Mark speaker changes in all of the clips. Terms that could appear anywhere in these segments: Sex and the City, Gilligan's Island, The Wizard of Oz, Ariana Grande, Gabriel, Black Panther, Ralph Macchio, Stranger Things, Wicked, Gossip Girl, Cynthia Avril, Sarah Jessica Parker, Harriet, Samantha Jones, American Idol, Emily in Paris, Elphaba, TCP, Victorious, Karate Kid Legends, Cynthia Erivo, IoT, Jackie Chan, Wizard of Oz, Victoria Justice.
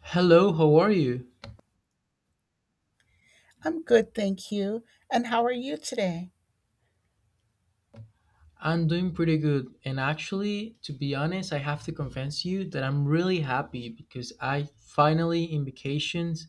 Speaker 1: Hello, how are you?
Speaker 2: I'm good, thank you. And how are you today?
Speaker 1: I'm doing pretty good. And actually, to be honest, I have to confess you that I'm really happy because I finally in vacations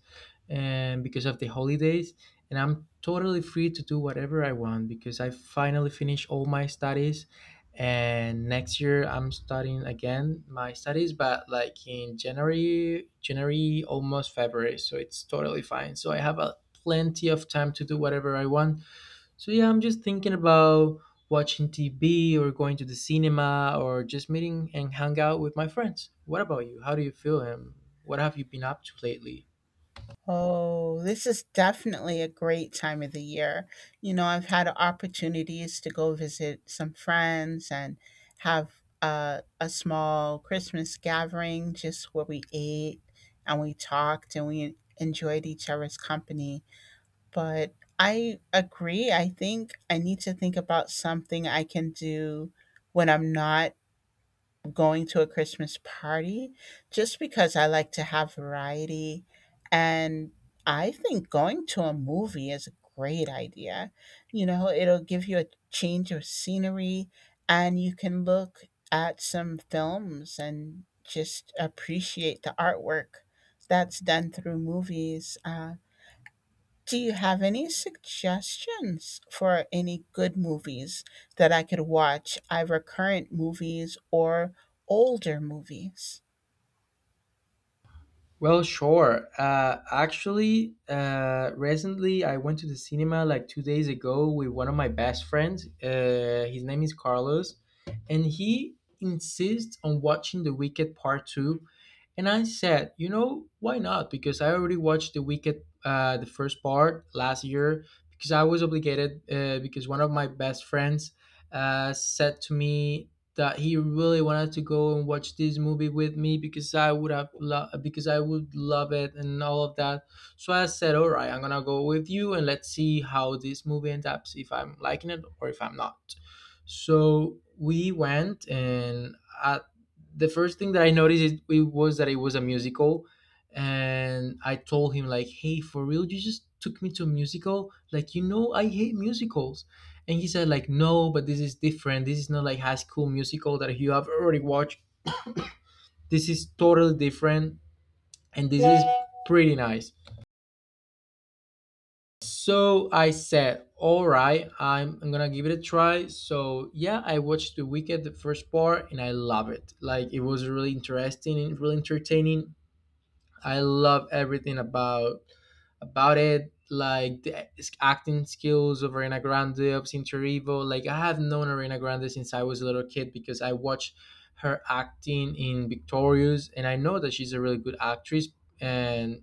Speaker 1: and because of the holidays and I'm totally free to do whatever I want because I finally finished all my studies, and next year I'm starting again my studies but like in January, January almost February, so it's totally fine. So I have a plenty of time to do whatever I want. So yeah, I'm just thinking about watching TV or going to the cinema or just meeting and hang out with my friends. What about you? How do you feel and what have you been up to lately?
Speaker 2: Oh, this is definitely a great time of the year. You know, I've had opportunities to go visit some friends and have a small Christmas gathering just where we ate and we talked and we enjoyed each other's company. But I agree. I think I need to think about something I can do when I'm not going to a Christmas party just because I like to have variety. And I think going to a movie is a great idea. You know, it'll give you a change of scenery and you can look at some films and just appreciate the artwork that's done through movies. Do you have any suggestions for any good movies that I could watch, either current movies or older movies?
Speaker 1: Well, sure. Recently I went to the cinema like 2 days ago with one of my best friends. His name is Carlos, and he insists on watching The Wicked Part Two. And I said, you know, why not? Because I already watched The Wicked, the first part last year. Because I was obligated. Because one of my best friends said to me that he really wanted to go and watch this movie with me because I would because I would love it and all of that. So I said, "All right, I'm gonna go with you and let's see how this movie ends up. If I'm liking it or if I'm not." So we went, and uh the first thing that I noticed it was that it was a musical, and I told him like, "Hey, for real, you just took me to a musical? Like, you know, I hate musicals." And he said, like, no, but this is different. This is not like High School Musical that you have already watched. This is totally different, and this is pretty nice. So I said, all right, I'm gonna give it a try. So yeah, I watched The Wicked, the first part, and I love it. Like, it was really interesting and really entertaining. I love everything about it, like the acting skills of Ariana Grande, of Cynthia Erivo. Like I have known Ariana Grande since I was a little kid because I watched her acting in Victorious, and I know that she's a really good actress. And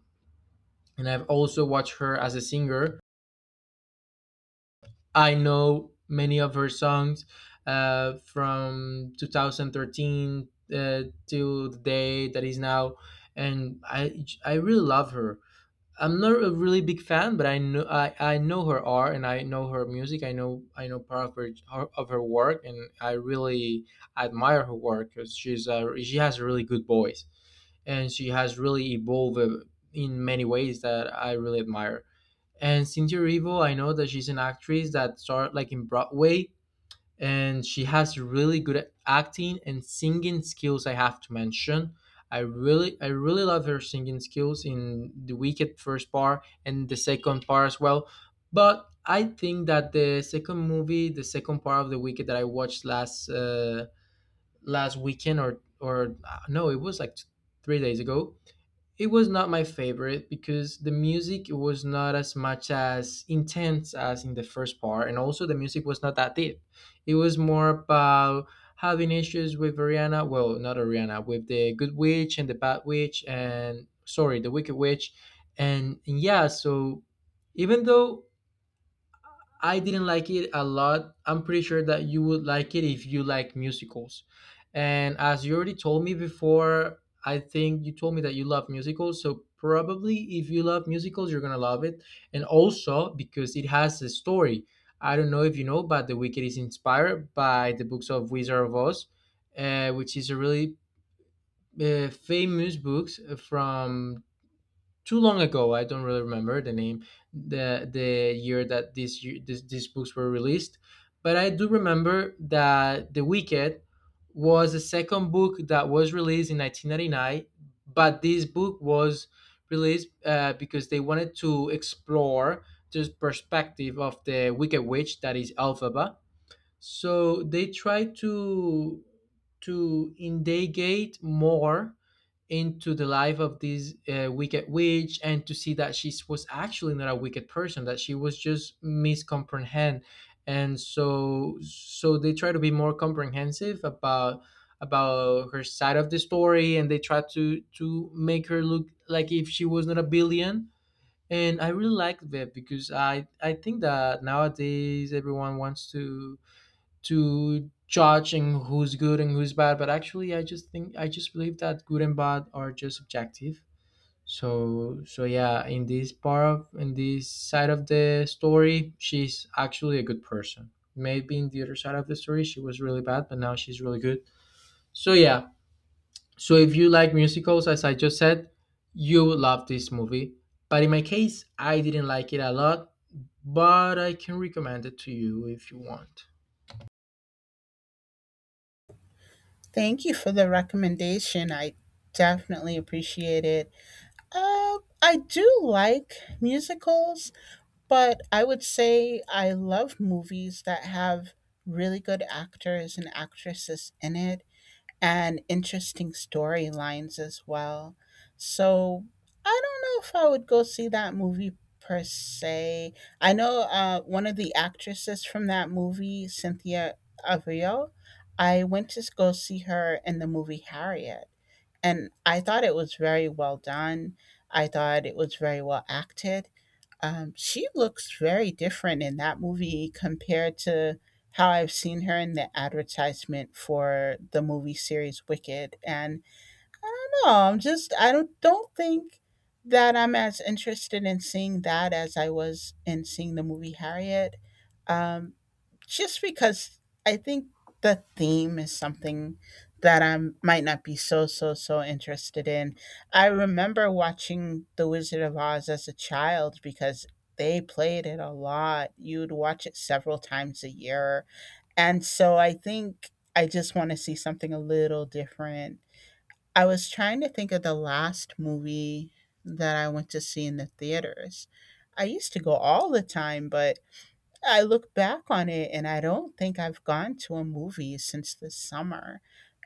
Speaker 1: and I've also watched her as a singer. I know many of her songs from 2013 till the day that is now, and I really love her. I'm not a really big fan, but I know her art and I know her music. I know part of her work, and I really admire her work because she has a really good voice, and she has really evolved in many ways that I really admire. And Cynthia Erivo, I know that she's an actress that started like in Broadway, and she has really good acting and singing skills, I have to mention. I really love her singing skills in The Wicked first part and the second part as well. But I think that the second part of The Wicked that I watched last last weekend or no it was like 3 days ago, it was not my favorite because the music was not as much as intense as in the first part, and also the music was not that deep. It was more about having issues with Ariana, well, not Ariana, with the good witch and the bad witch, and sorry, the wicked witch, and yeah. So even though I didn't like it a lot, I'm pretty sure that you would like it if you like musicals. And as you already told me before, I think you told me that you love musicals. So probably if you love musicals, you're gonna love it. And also because it has a story. I don't know if you know, but The Wicked is inspired by the books of Wizard of Oz, which is a really famous books from too long ago. I don't really remember the name, the year that these books were released, but I do remember that The Wicked was the second book that was released in 1999. But this book was released because they wanted to explore the perspective of the Wicked Witch, that is Elphaba, so they try to indagate more into the life of this wicked witch, and to see that she was actually not a wicked person, that she was just miscomprehend. And so they try to be more comprehensive about her side of the story, and they try to make her look like if she was not a billion. And I really like that because I think that nowadays everyone wants to judging who's good and who's bad, but actually I just believe that good and bad are just subjective. So yeah, in this part of in this side of the story, she's actually a good person. Maybe in the other side of the story she was really bad, but now she's really good. So yeah, so if you like musicals, as I just said, you would love this movie, but in my case I didn't like it a lot, but I can recommend it to you if you want.
Speaker 2: Thank you for the recommendation. I definitely appreciate it. I do like musicals, but I would say I love movies that have really good actors and actresses in it and interesting storylines as well. So I don't know if I would go see that movie per se. I know one of the actresses from that movie, Cynthia Avril. I went to go see her in the movie Harriet, and I thought it was very well done. I thought it was very well acted. She looks very different in that movie compared to how I've seen her in the advertisement for the movie series Wicked. And I don't know, I'm just, I don't think that I'm as interested in seeing that as I was in seeing the movie Harriet. Um, just because I think the theme is something that I might not be so interested in. I remember watching The Wizard of Oz as a child because they played it a lot. You'd watch it several times a year. And so I think I just want to see something a little different. I was trying to think of the last movie that I went to see in the theaters. I used to go all the time, but I look back on it and I don't think I've gone to a movie since the summer.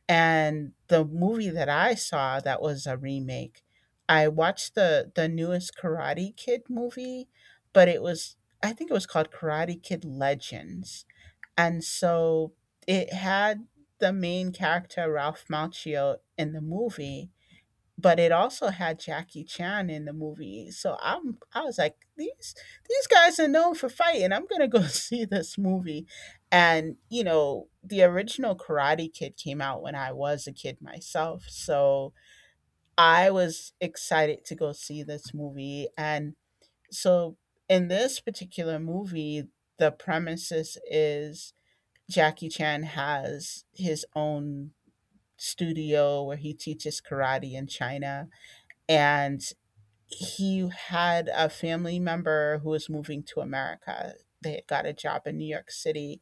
Speaker 2: And the movie that I saw that was a remake, I watched the newest Karate Kid movie, but it was I think it was called Karate Kid Legends. And so it had the main character Ralph Macchio in the movie but it also had Jackie Chan in the movie. So I was like, these guys are known for fighting. I'm gonna go see this movie. And you know, the original Karate Kid came out when I was a kid myself. So I was excited to go see this movie. And so in this particular movie, the premises is Jackie Chan has his own studio where he teaches karate in China and he had a family member who was moving to America. They had got a job in New York City.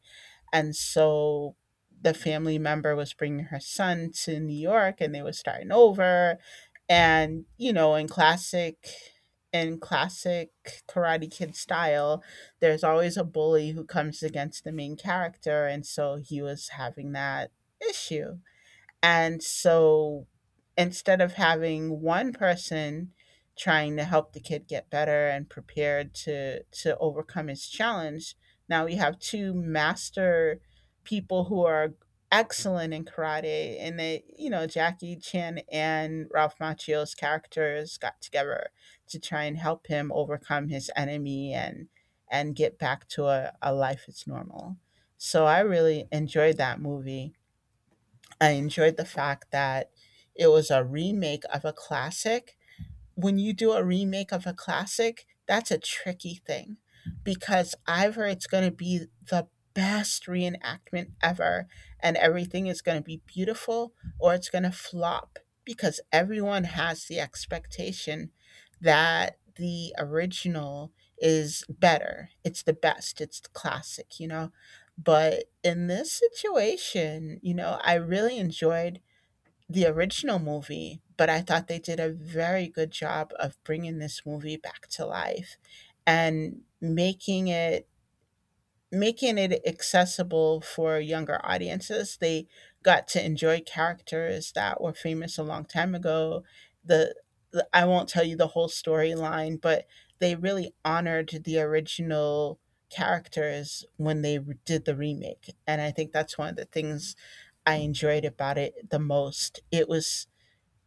Speaker 2: And so the family member was bringing her son to New York and they were starting over. And, you know, in classic Karate Kid style, there's always a bully who comes against the main character, and so he was having that issue. And so instead of having one person trying to help the kid get better and prepared to overcome his challenge, now we have two master people who are excellent in karate and they, you know, Jackie Chan and Ralph Macchio's characters got together to try and help him overcome his enemy and get back to a life that's normal. So I really enjoyed that movie. I enjoyed the fact that it was a remake of a classic. When you do a remake of a classic, that's a tricky thing because either it's going to be the best reenactment ever and everything is going to be beautiful or it's going to flop because everyone has the expectation that the original is better. It's the best, it's the classic, you know. But in this situation, you know, I really enjoyed the original movie, but I thought they did a very good job of bringing this movie back to life and making it accessible for younger audiences. They got to enjoy characters that were famous a long time ago. The, the I won't tell you the whole storyline, but they really honored the original characters when they re- did the remake. And I think that's one of the things I enjoyed about it the most. It was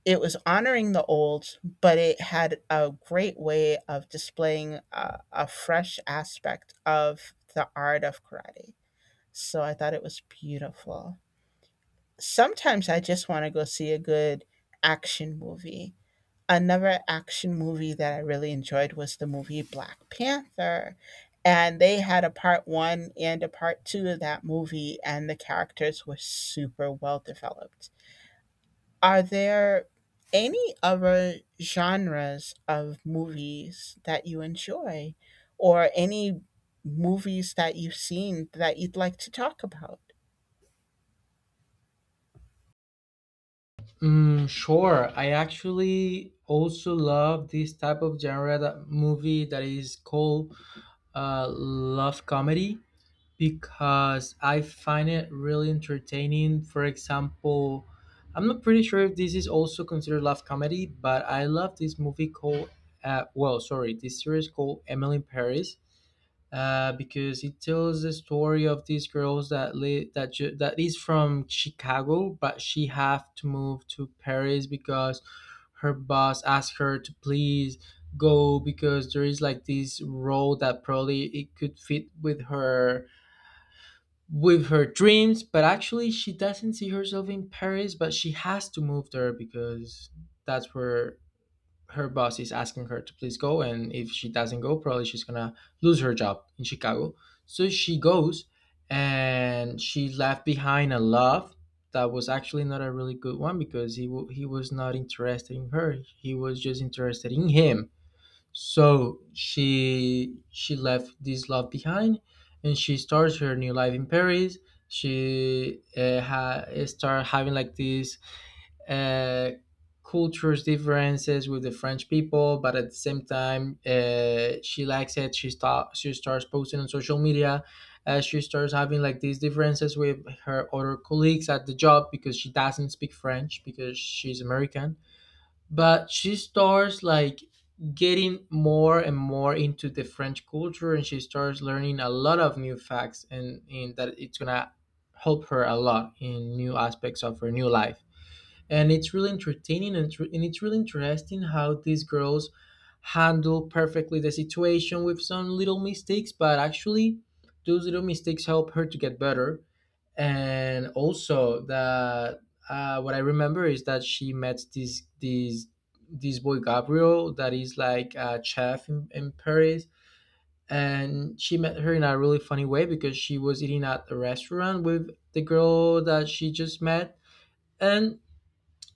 Speaker 2: it was honoring the old, but it had a great way of displaying a fresh aspect of the art of karate. So I thought it was beautiful. Sometimes I just want to go see a good action movie. Another action movie that I really enjoyed was the movie Black Panther. And they had a part one and a part two of that movie, and the characters were super well developed. Are there any other genres of movies that you enjoy or any movies that you've seen that you'd like to talk about?
Speaker 1: Mm, sure. I actually also love this type of genre, that movie that is called love comedy, because I find it really entertaining. For example, I'm not pretty sure if this is also considered love comedy, but I love this movie called this series called Emily in Paris, because it tells the story of these girls that that is from Chicago, but she have to move to Paris because her boss asked her to please go because there is like this role that probably it could fit with her, with her dreams, but actually she doesn't see herself in Paris, but she has to move there because that's where her boss is asking her to please go, and if she doesn't go probably she's gonna lose her job in Chicago. So she goes, and she left behind a love that was actually not a really good one because he was not interested in her, he was just interested in him. So she left this love behind and she starts her new life in Paris. She start having like this uh, cultures differences with the French people, but at the same time, she likes it. She starts posting on social media. She starts having like these differences with her other colleagues at the job because she doesn't speak French because she's American. But she starts like getting more and more into the French culture, and she starts learning a lot of new facts, and that it's gonna help her a lot in new aspects of her new life. And it's really entertaining, and it's really interesting how these girls handle perfectly the situation with some little mistakes, but actually those little mistakes help her to get better. And also that what I remember is that she met this this boy Gabriel, that is like a chef in Paris. And she met her in a really funny way, because she was eating at a restaurant with the girl that she just met, and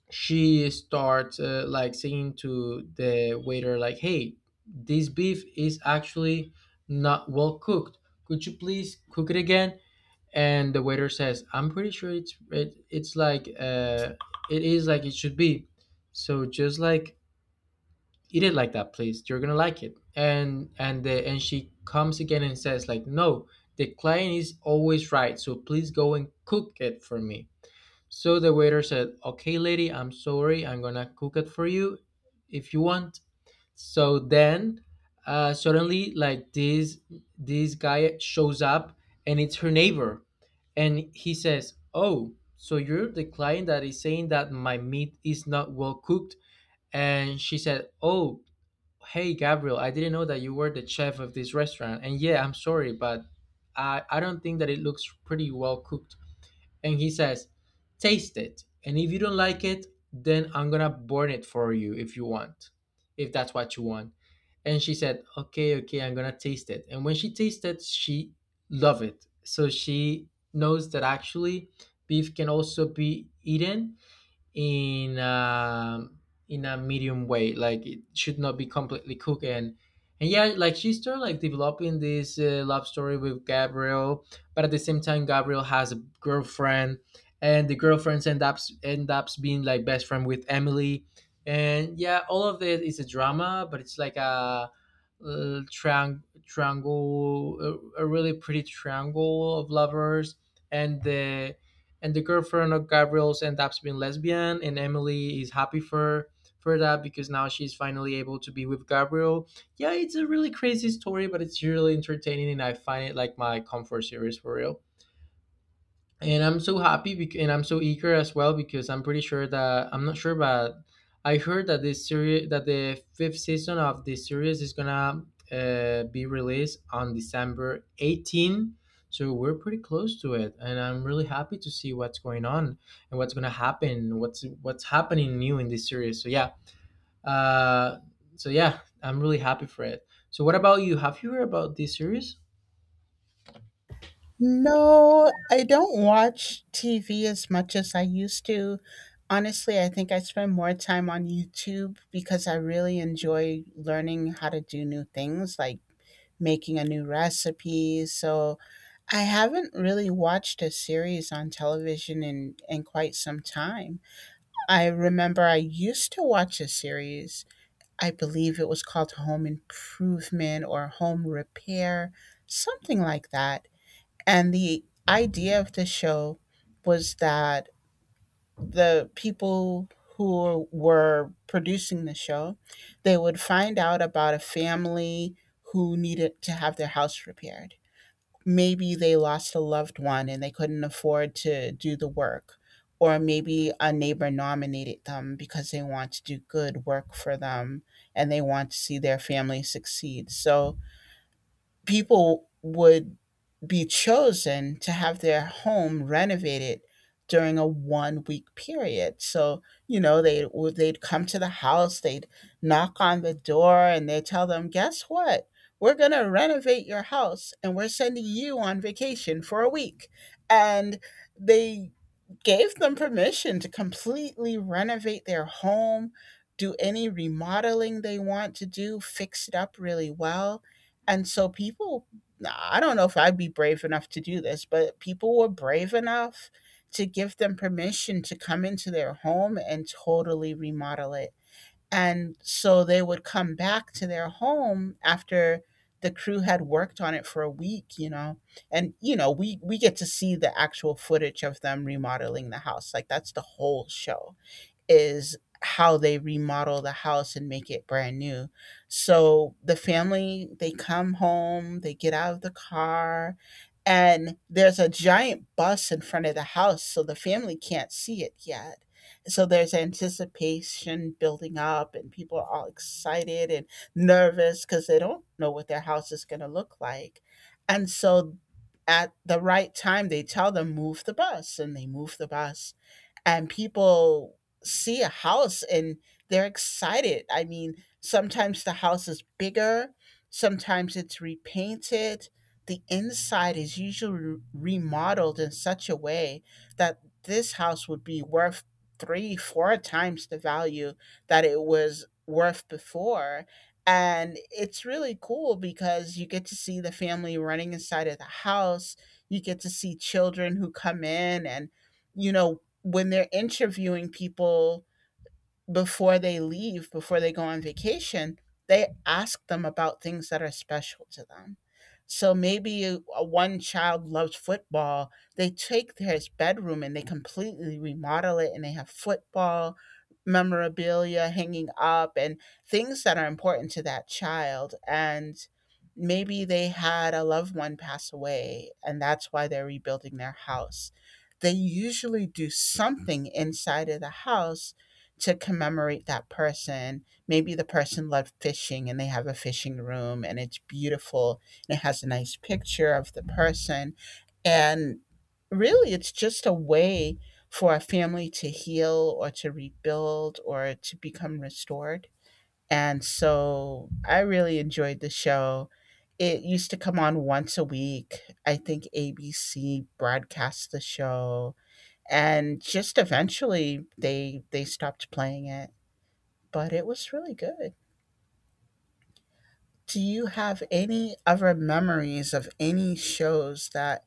Speaker 1: she starts like saying to the waiter like, "Hey, this beef is actually not well cooked. Could you please cook it again?" And the waiter says, "I'm pretty sure it's like it is like it should be, so just like eat it like that please, you're gonna like it." And and she comes again and says like, "No, the client is always right, so please go and cook it for me." So the waiter said, "Okay, lady, I'm sorry, I'm gonna cook it for you if you want." So then, suddenly, like this guy shows up and it's her neighbor, and he says, "Oh, so you're the client that is saying that my meat is not well cooked." And she said, "Oh, hey, Gabriel, I didn't know that you were the chef of this restaurant. And yeah, I'm sorry, but I don't think that it looks pretty well cooked." And he says, "Taste it, and if you don't like it, then I'm gonna burn it for you if you want, if that's what you want." And she said, "Okay, okay, I'm gonna taste it." And when she tasted, she loved it. So she knows that actually beef can also be eaten in a, in a medium way like it should not be completely cooked and yeah, like she started like developing this love story with Gabriel, but at the same time Gabriel has a girlfriend, and the girlfriends end up being like best friend with Emily. And yeah, all of it is a drama, but it's like a triangle, a really pretty triangle of lovers. And the and the girlfriend of Gabriel's ends up being lesbian, and Emily is happy for that because now she's finally able to be with Gabriel. Yeah, it's a really crazy story, but it's really entertaining, and I find it like my comfort series for real. And I'm so eager as well because I'm pretty sure that I'm not sure, but I heard that this series that the fifth season of this series is gonna be released on December 18. So we're pretty close to it, and I'm really happy to see what's going on and what's gonna happen, what's happening new in this series. So yeah, uh, I'm really happy for it. So what about you? Have you heard about this series?
Speaker 2: No, I don't watch TV as much as I used to. Honestly, I think I spend more time on YouTube because I really enjoy learning how to do new things like making a new recipe. So I haven't really watched a series on television in quite some time. I remember I used to watch a series. I believe it was called Home Improvement or Home Repair, something like that. And the idea of the show was that the people who were producing the show, they would find out about a family who needed to have their house repaired. Maybe they lost a loved one and they couldn't afford to do the work. Or maybe a neighbor nominated them because they want to do good work for them and they want to see their family succeed. So, people would be chosen to have their home renovated during a 1 week period. So, you know, they'd come to the house, they'd knock on the door and they tell them, "Guess what? We're going to renovate your house and we're sending you on vacation for a week." And they gave them permission to completely renovate their home, do any remodeling they want to do, fix it up really well. And so people, I don't know if I'd be brave enough to do this, but people were brave enough to give them permission to come into their home and totally remodel it. And so they would come back to their home after the crew had worked on it for a week, you know. And you know, we get to see the actual footage of them remodeling the house. Like that's the whole show is how they remodel the house and make it brand new. So the family, they come home, they get out of the car, and there's a giant bus in front of the house, so the family can't see it yet. So there's anticipation building up, and people are all excited and nervous because they don't know what their house is going to look like. And so at the right time, they tell them, move the bus, and they move the bus and people see a house and they're excited. I mean, sometimes the house is bigger, sometimes it's repainted. The inside is usually re- remodeled in such a way that this house would be worth three, four times the value that it was worth before. And it's really cool because you get to see the family running inside of the house. You get to see children who come in and you know, when they're interviewing people before they leave, before they go on vacation, they ask them about things that are special to them. So maybe a one child loves football. They take his bedroom and they completely remodel it, and they have football memorabilia hanging up and things that are important to that child. And maybe they had a loved one pass away, and that's why they're rebuilding their house. They usually do something inside of the house to commemorate that person. Maybe the person loved fishing and they have a fishing room and it's beautiful and it has a nice picture of the person. And really, it's just a way for a family to heal or to rebuild or to become restored. And so I really enjoyed the show. It used to come on once a week. I think ABC broadcast the show and just eventually they stopped playing it but it was really good. Do you have any other memories of any shows that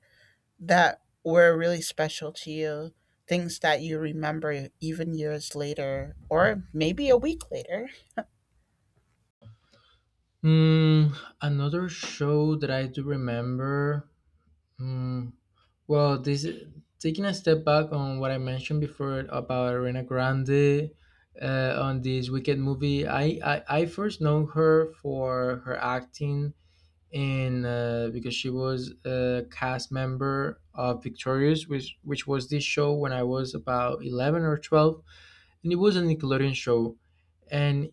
Speaker 2: were really special to you? Things that you remember even years later, or maybe a week later?
Speaker 1: Hmm, another show that I do remember. Mm, well, this, taking a step back on what I mentioned before about Arena Grande, on this Wicked movie, I first know her for her acting in because she was a cast member of Victorious, which was this show when I was about 11 or 12, and it was a Nickelodeon show, and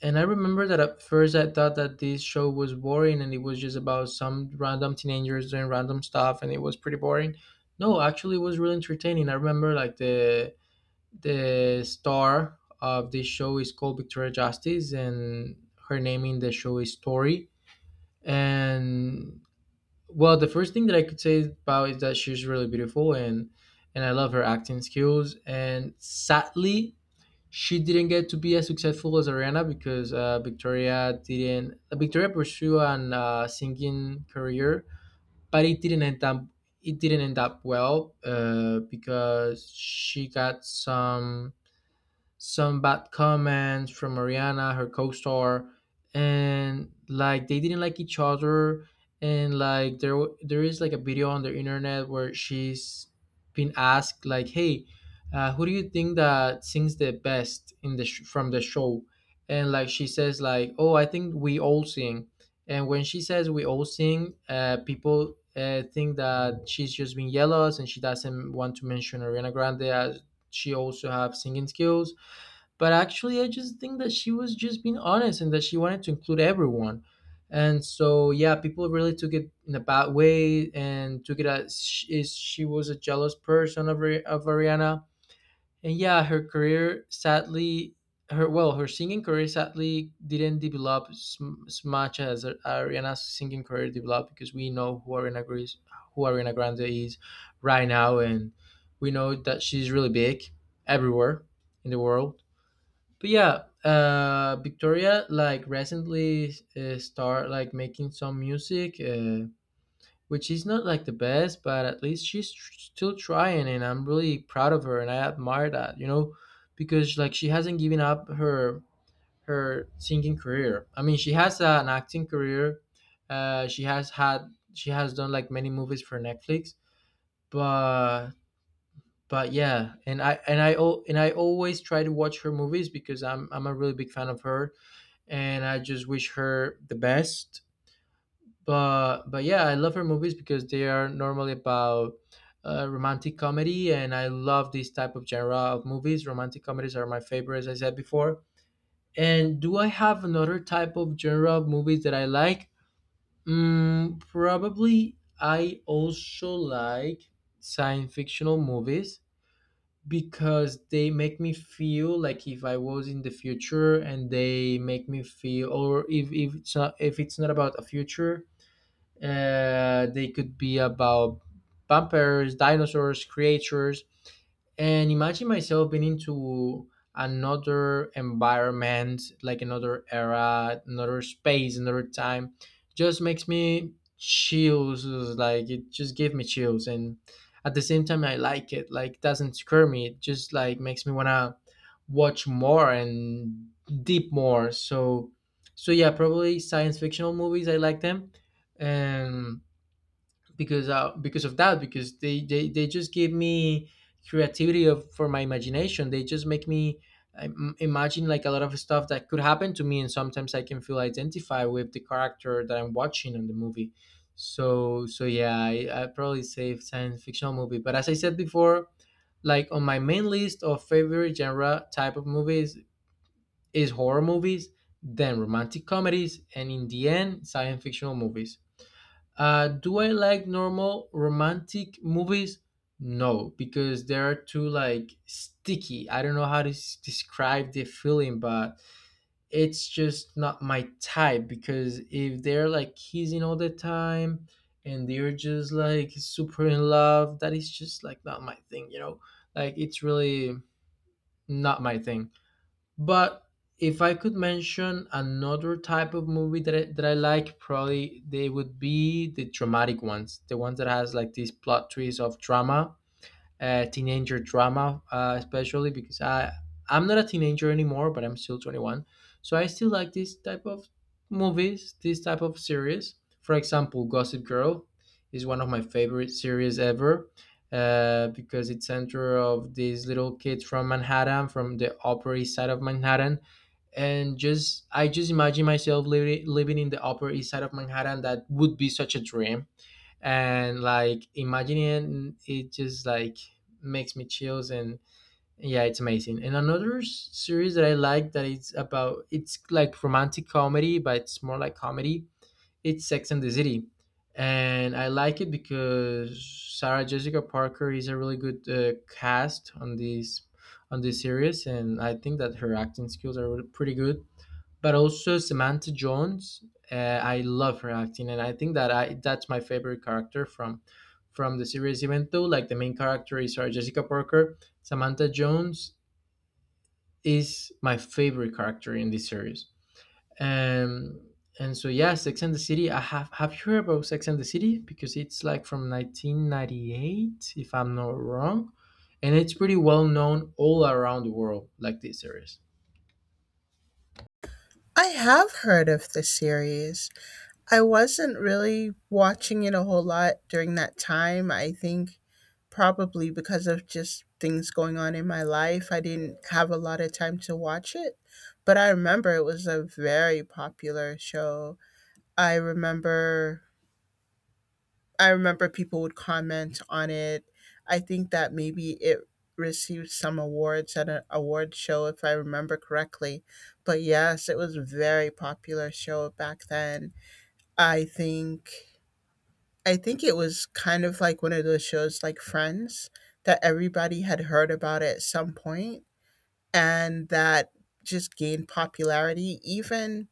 Speaker 1: I remember that at first I thought that this show was boring and it was just about some random teenagers doing random stuff, and it was pretty boring. No, actually it was really entertaining. I remember like the star of this show is called Victoria Justice, and her name in the show is Tori. And well, the first thing that I could say about is that she's really beautiful, and I love her acting skills, and sadly she didn't get to be as successful as Ariana because Victoria didn't. Victoria pursued an singing career, but it didn't end up. It didn't end up well because she got some bad comments from Ariana, her co-star, and like they didn't like each other, and like there is like a video on the internet where she's been asked like, "Hey, who do you think that sings the best in from the show?" And like she says like, "Oh, I think we all sing." And when she says we all sing, people think that she's just being jealous and she doesn't want to mention Ariana Grande as she also have singing skills. But actually, I just think that she was just being honest and that she wanted to include everyone. And so, yeah, people really took it in a bad way and took it as sh- is she was a jealous person of Ariana. And yeah, her career sadly, her, well, her singing career sadly didn't develop as, as much as Ariana's singing career developed, because we know who who Ariana Grande is right now, and we know that she's really big everywhere in the world. But yeah, Victoria like recently start like making some music, which is not like the best, but at least she's still trying, and I'm really proud of her, and I admire that. Because like she hasn't given up her her singing career. I mean, she has an acting career. She has had, she has done like many movies for Netflix, but but yeah, and I al- and I always try to watch her movies because I'm a really big fan of her, and I just wish her the best. But yeah, I love her movies because they are normally about romantic comedy, and I love this type of genre of movies. Romantic comedies are my favorite, as I said before. And do I have another type of genre of movies that I like? Mm, probably. I also like science fictional movies because they make me feel like if I was in the future, and they make me feel, or if it's not, if it's not about a future, they could be about vampires, dinosaurs, creatures, and imagine myself being into another environment, like another era, another space, another time. Just makes me chills. Like it just gave me chills, and at the same time, I like it. Like it doesn't scare me. It just like makes me wanna watch more and deep more. So, yeah, probably science fictional movies. I like them, and because because of that, because they just give me creativity of for my imagination. They just make me imagine like a lot of stuff that could happen to me, and sometimes I can feel identified with the character that I'm watching in the movie. So I probably say science fictional movie. But as I said before, like on my main list of favorite genre type of movies is horror movies, then romantic comedies, and in the end science fictional movies. Do I like normal romantic movies? No, because they are too like sticky. I don't know how to describe the feeling, but it's just not my type. Because if they're like kissing all the time and they're just like super in love, that is just like not my thing, you know? Like it's really not my thing. But if I could mention another type of movie that I like, probably they would be the dramatic ones, the ones that has like these plot twists of drama, teenager drama, especially because I'm not a teenager anymore, but I'm still 21, so I still like this type of movies, this type of series. For example, Gossip Girl is one of my favorite series ever, because it's center of these little kids from Manhattan, from the Upper East Side of Manhattan, and just I just imagine myself living in the Upper East Side of Manhattan. That would be such a dream, and like imagining it, it just like makes me chills. And yeah, it's amazing. And another series that I like that it's about, it's like romantic comedy but it's more like comedy, it's Sex and the City. And I like it because Sarah Jessica Parker is a really good cast on this series, and I think that her acting skills are really pretty good. But also Samantha Jones. Uh, I love her acting, and I think that I that's my favorite character from the series. Even though like the main character is Sarah Jessica Parker, Samantha Jones is my favorite character in this series. Um, and so yeah, Sex and the City. I Have you heard about Sex and the City? Because it's like from 1998, if I'm not wrong, and it's pretty well known all around the world, like this series.
Speaker 2: I have heard of the series. I wasn't really watching it a whole lot during that time. I think probably because of just things going on in my life, I didn't have a lot of time to watch it. But I remember it was a very popular show. I remember I remember people would comment on it. I think that maybe it received some awards at an award show if I remember correctly. But yes, it was a very popular show back then. I think I think it was kind of like one of those shows like Friends that everybody had heard about at some point and that just gained popularity even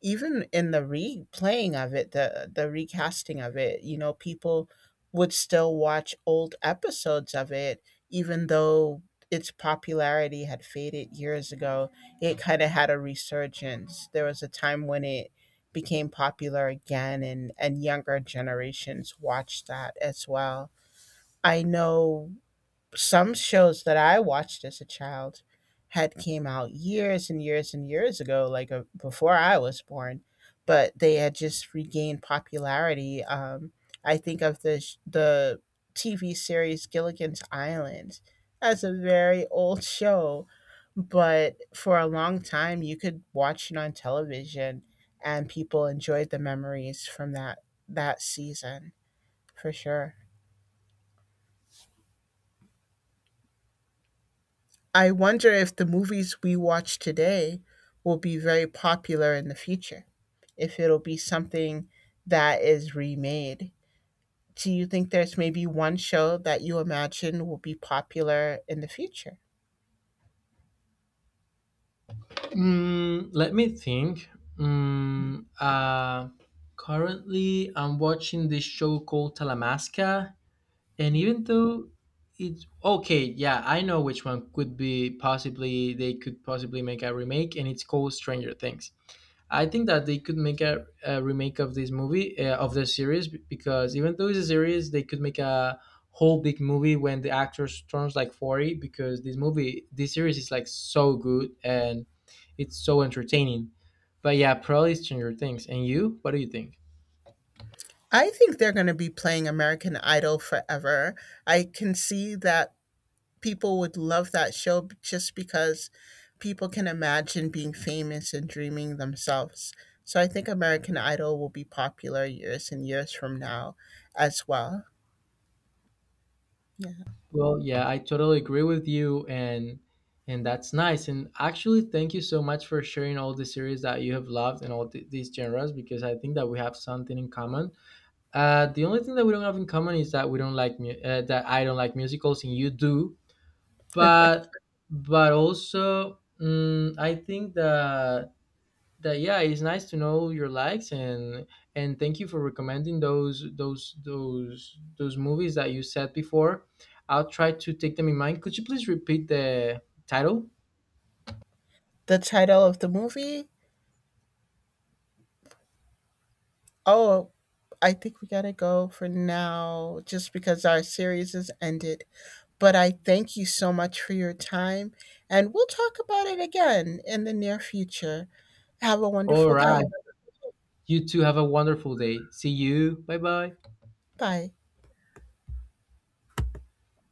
Speaker 2: even in the replaying of it, the recasting of it, you know, people would still watch old episodes of it, even though its popularity had faded years ago. It kind of had a resurgence. There was a time when it became popular again, and younger generations watched that as well. I know some shows that I watched as a child had came out years and years and years ago, like before I was born, but they had just regained popularity. I think of the sh- the TV series Gilligan's Island as a very old show, but for a long time you could watch it on television, and people enjoyed the memories from that season for sure. I wonder if the movies we watch today will be very popular in the future, if it'll be something that is remade. Do you think there's maybe one show that you imagine will be popular in the future?
Speaker 1: Mm, let me think. Mm, uh, Currently, I'm watching this show called Talamasca, and even though it's okay, yeah, I know which one could be possibly they could possibly make a remake, and it's called Stranger Things. I think that they could make a remake of this movie, of the series, because even though it's a series, they could make a whole big movie when the actor turns like 40, because this movie, this series is like so good, and it's so entertaining. But yeah, probably Stranger Things. And you, what do you think?
Speaker 2: I think they're going to be playing American Idol forever. I can see that people would love that show just because people can imagine being famous and dreaming themselves. So I think American Idol will be popular years and years from now as well. Yeah.
Speaker 1: Well, yeah, I totally agree with you, and that's nice. And actually, thank you so much for sharing all the series that you have loved and all these genres, because I think that we have something in common. The only thing that we don't have in common is that we don't like mu- that I don't like musicals and you do, but also, mm, I think that yeah, it's nice to know your likes. And thank you for recommending those movies that you said before. I'll try to take them in mind. Could you please repeat the title?
Speaker 2: The title of the movie? Oh, I think we got to go for now just because our series is ended. But I thank you so much for your time and we'll talk about it again in the near future. Have a
Speaker 1: All
Speaker 2: wonderful
Speaker 1: right.
Speaker 2: day.
Speaker 1: You two have a wonderful day. See you. Bye bye.
Speaker 2: Bye.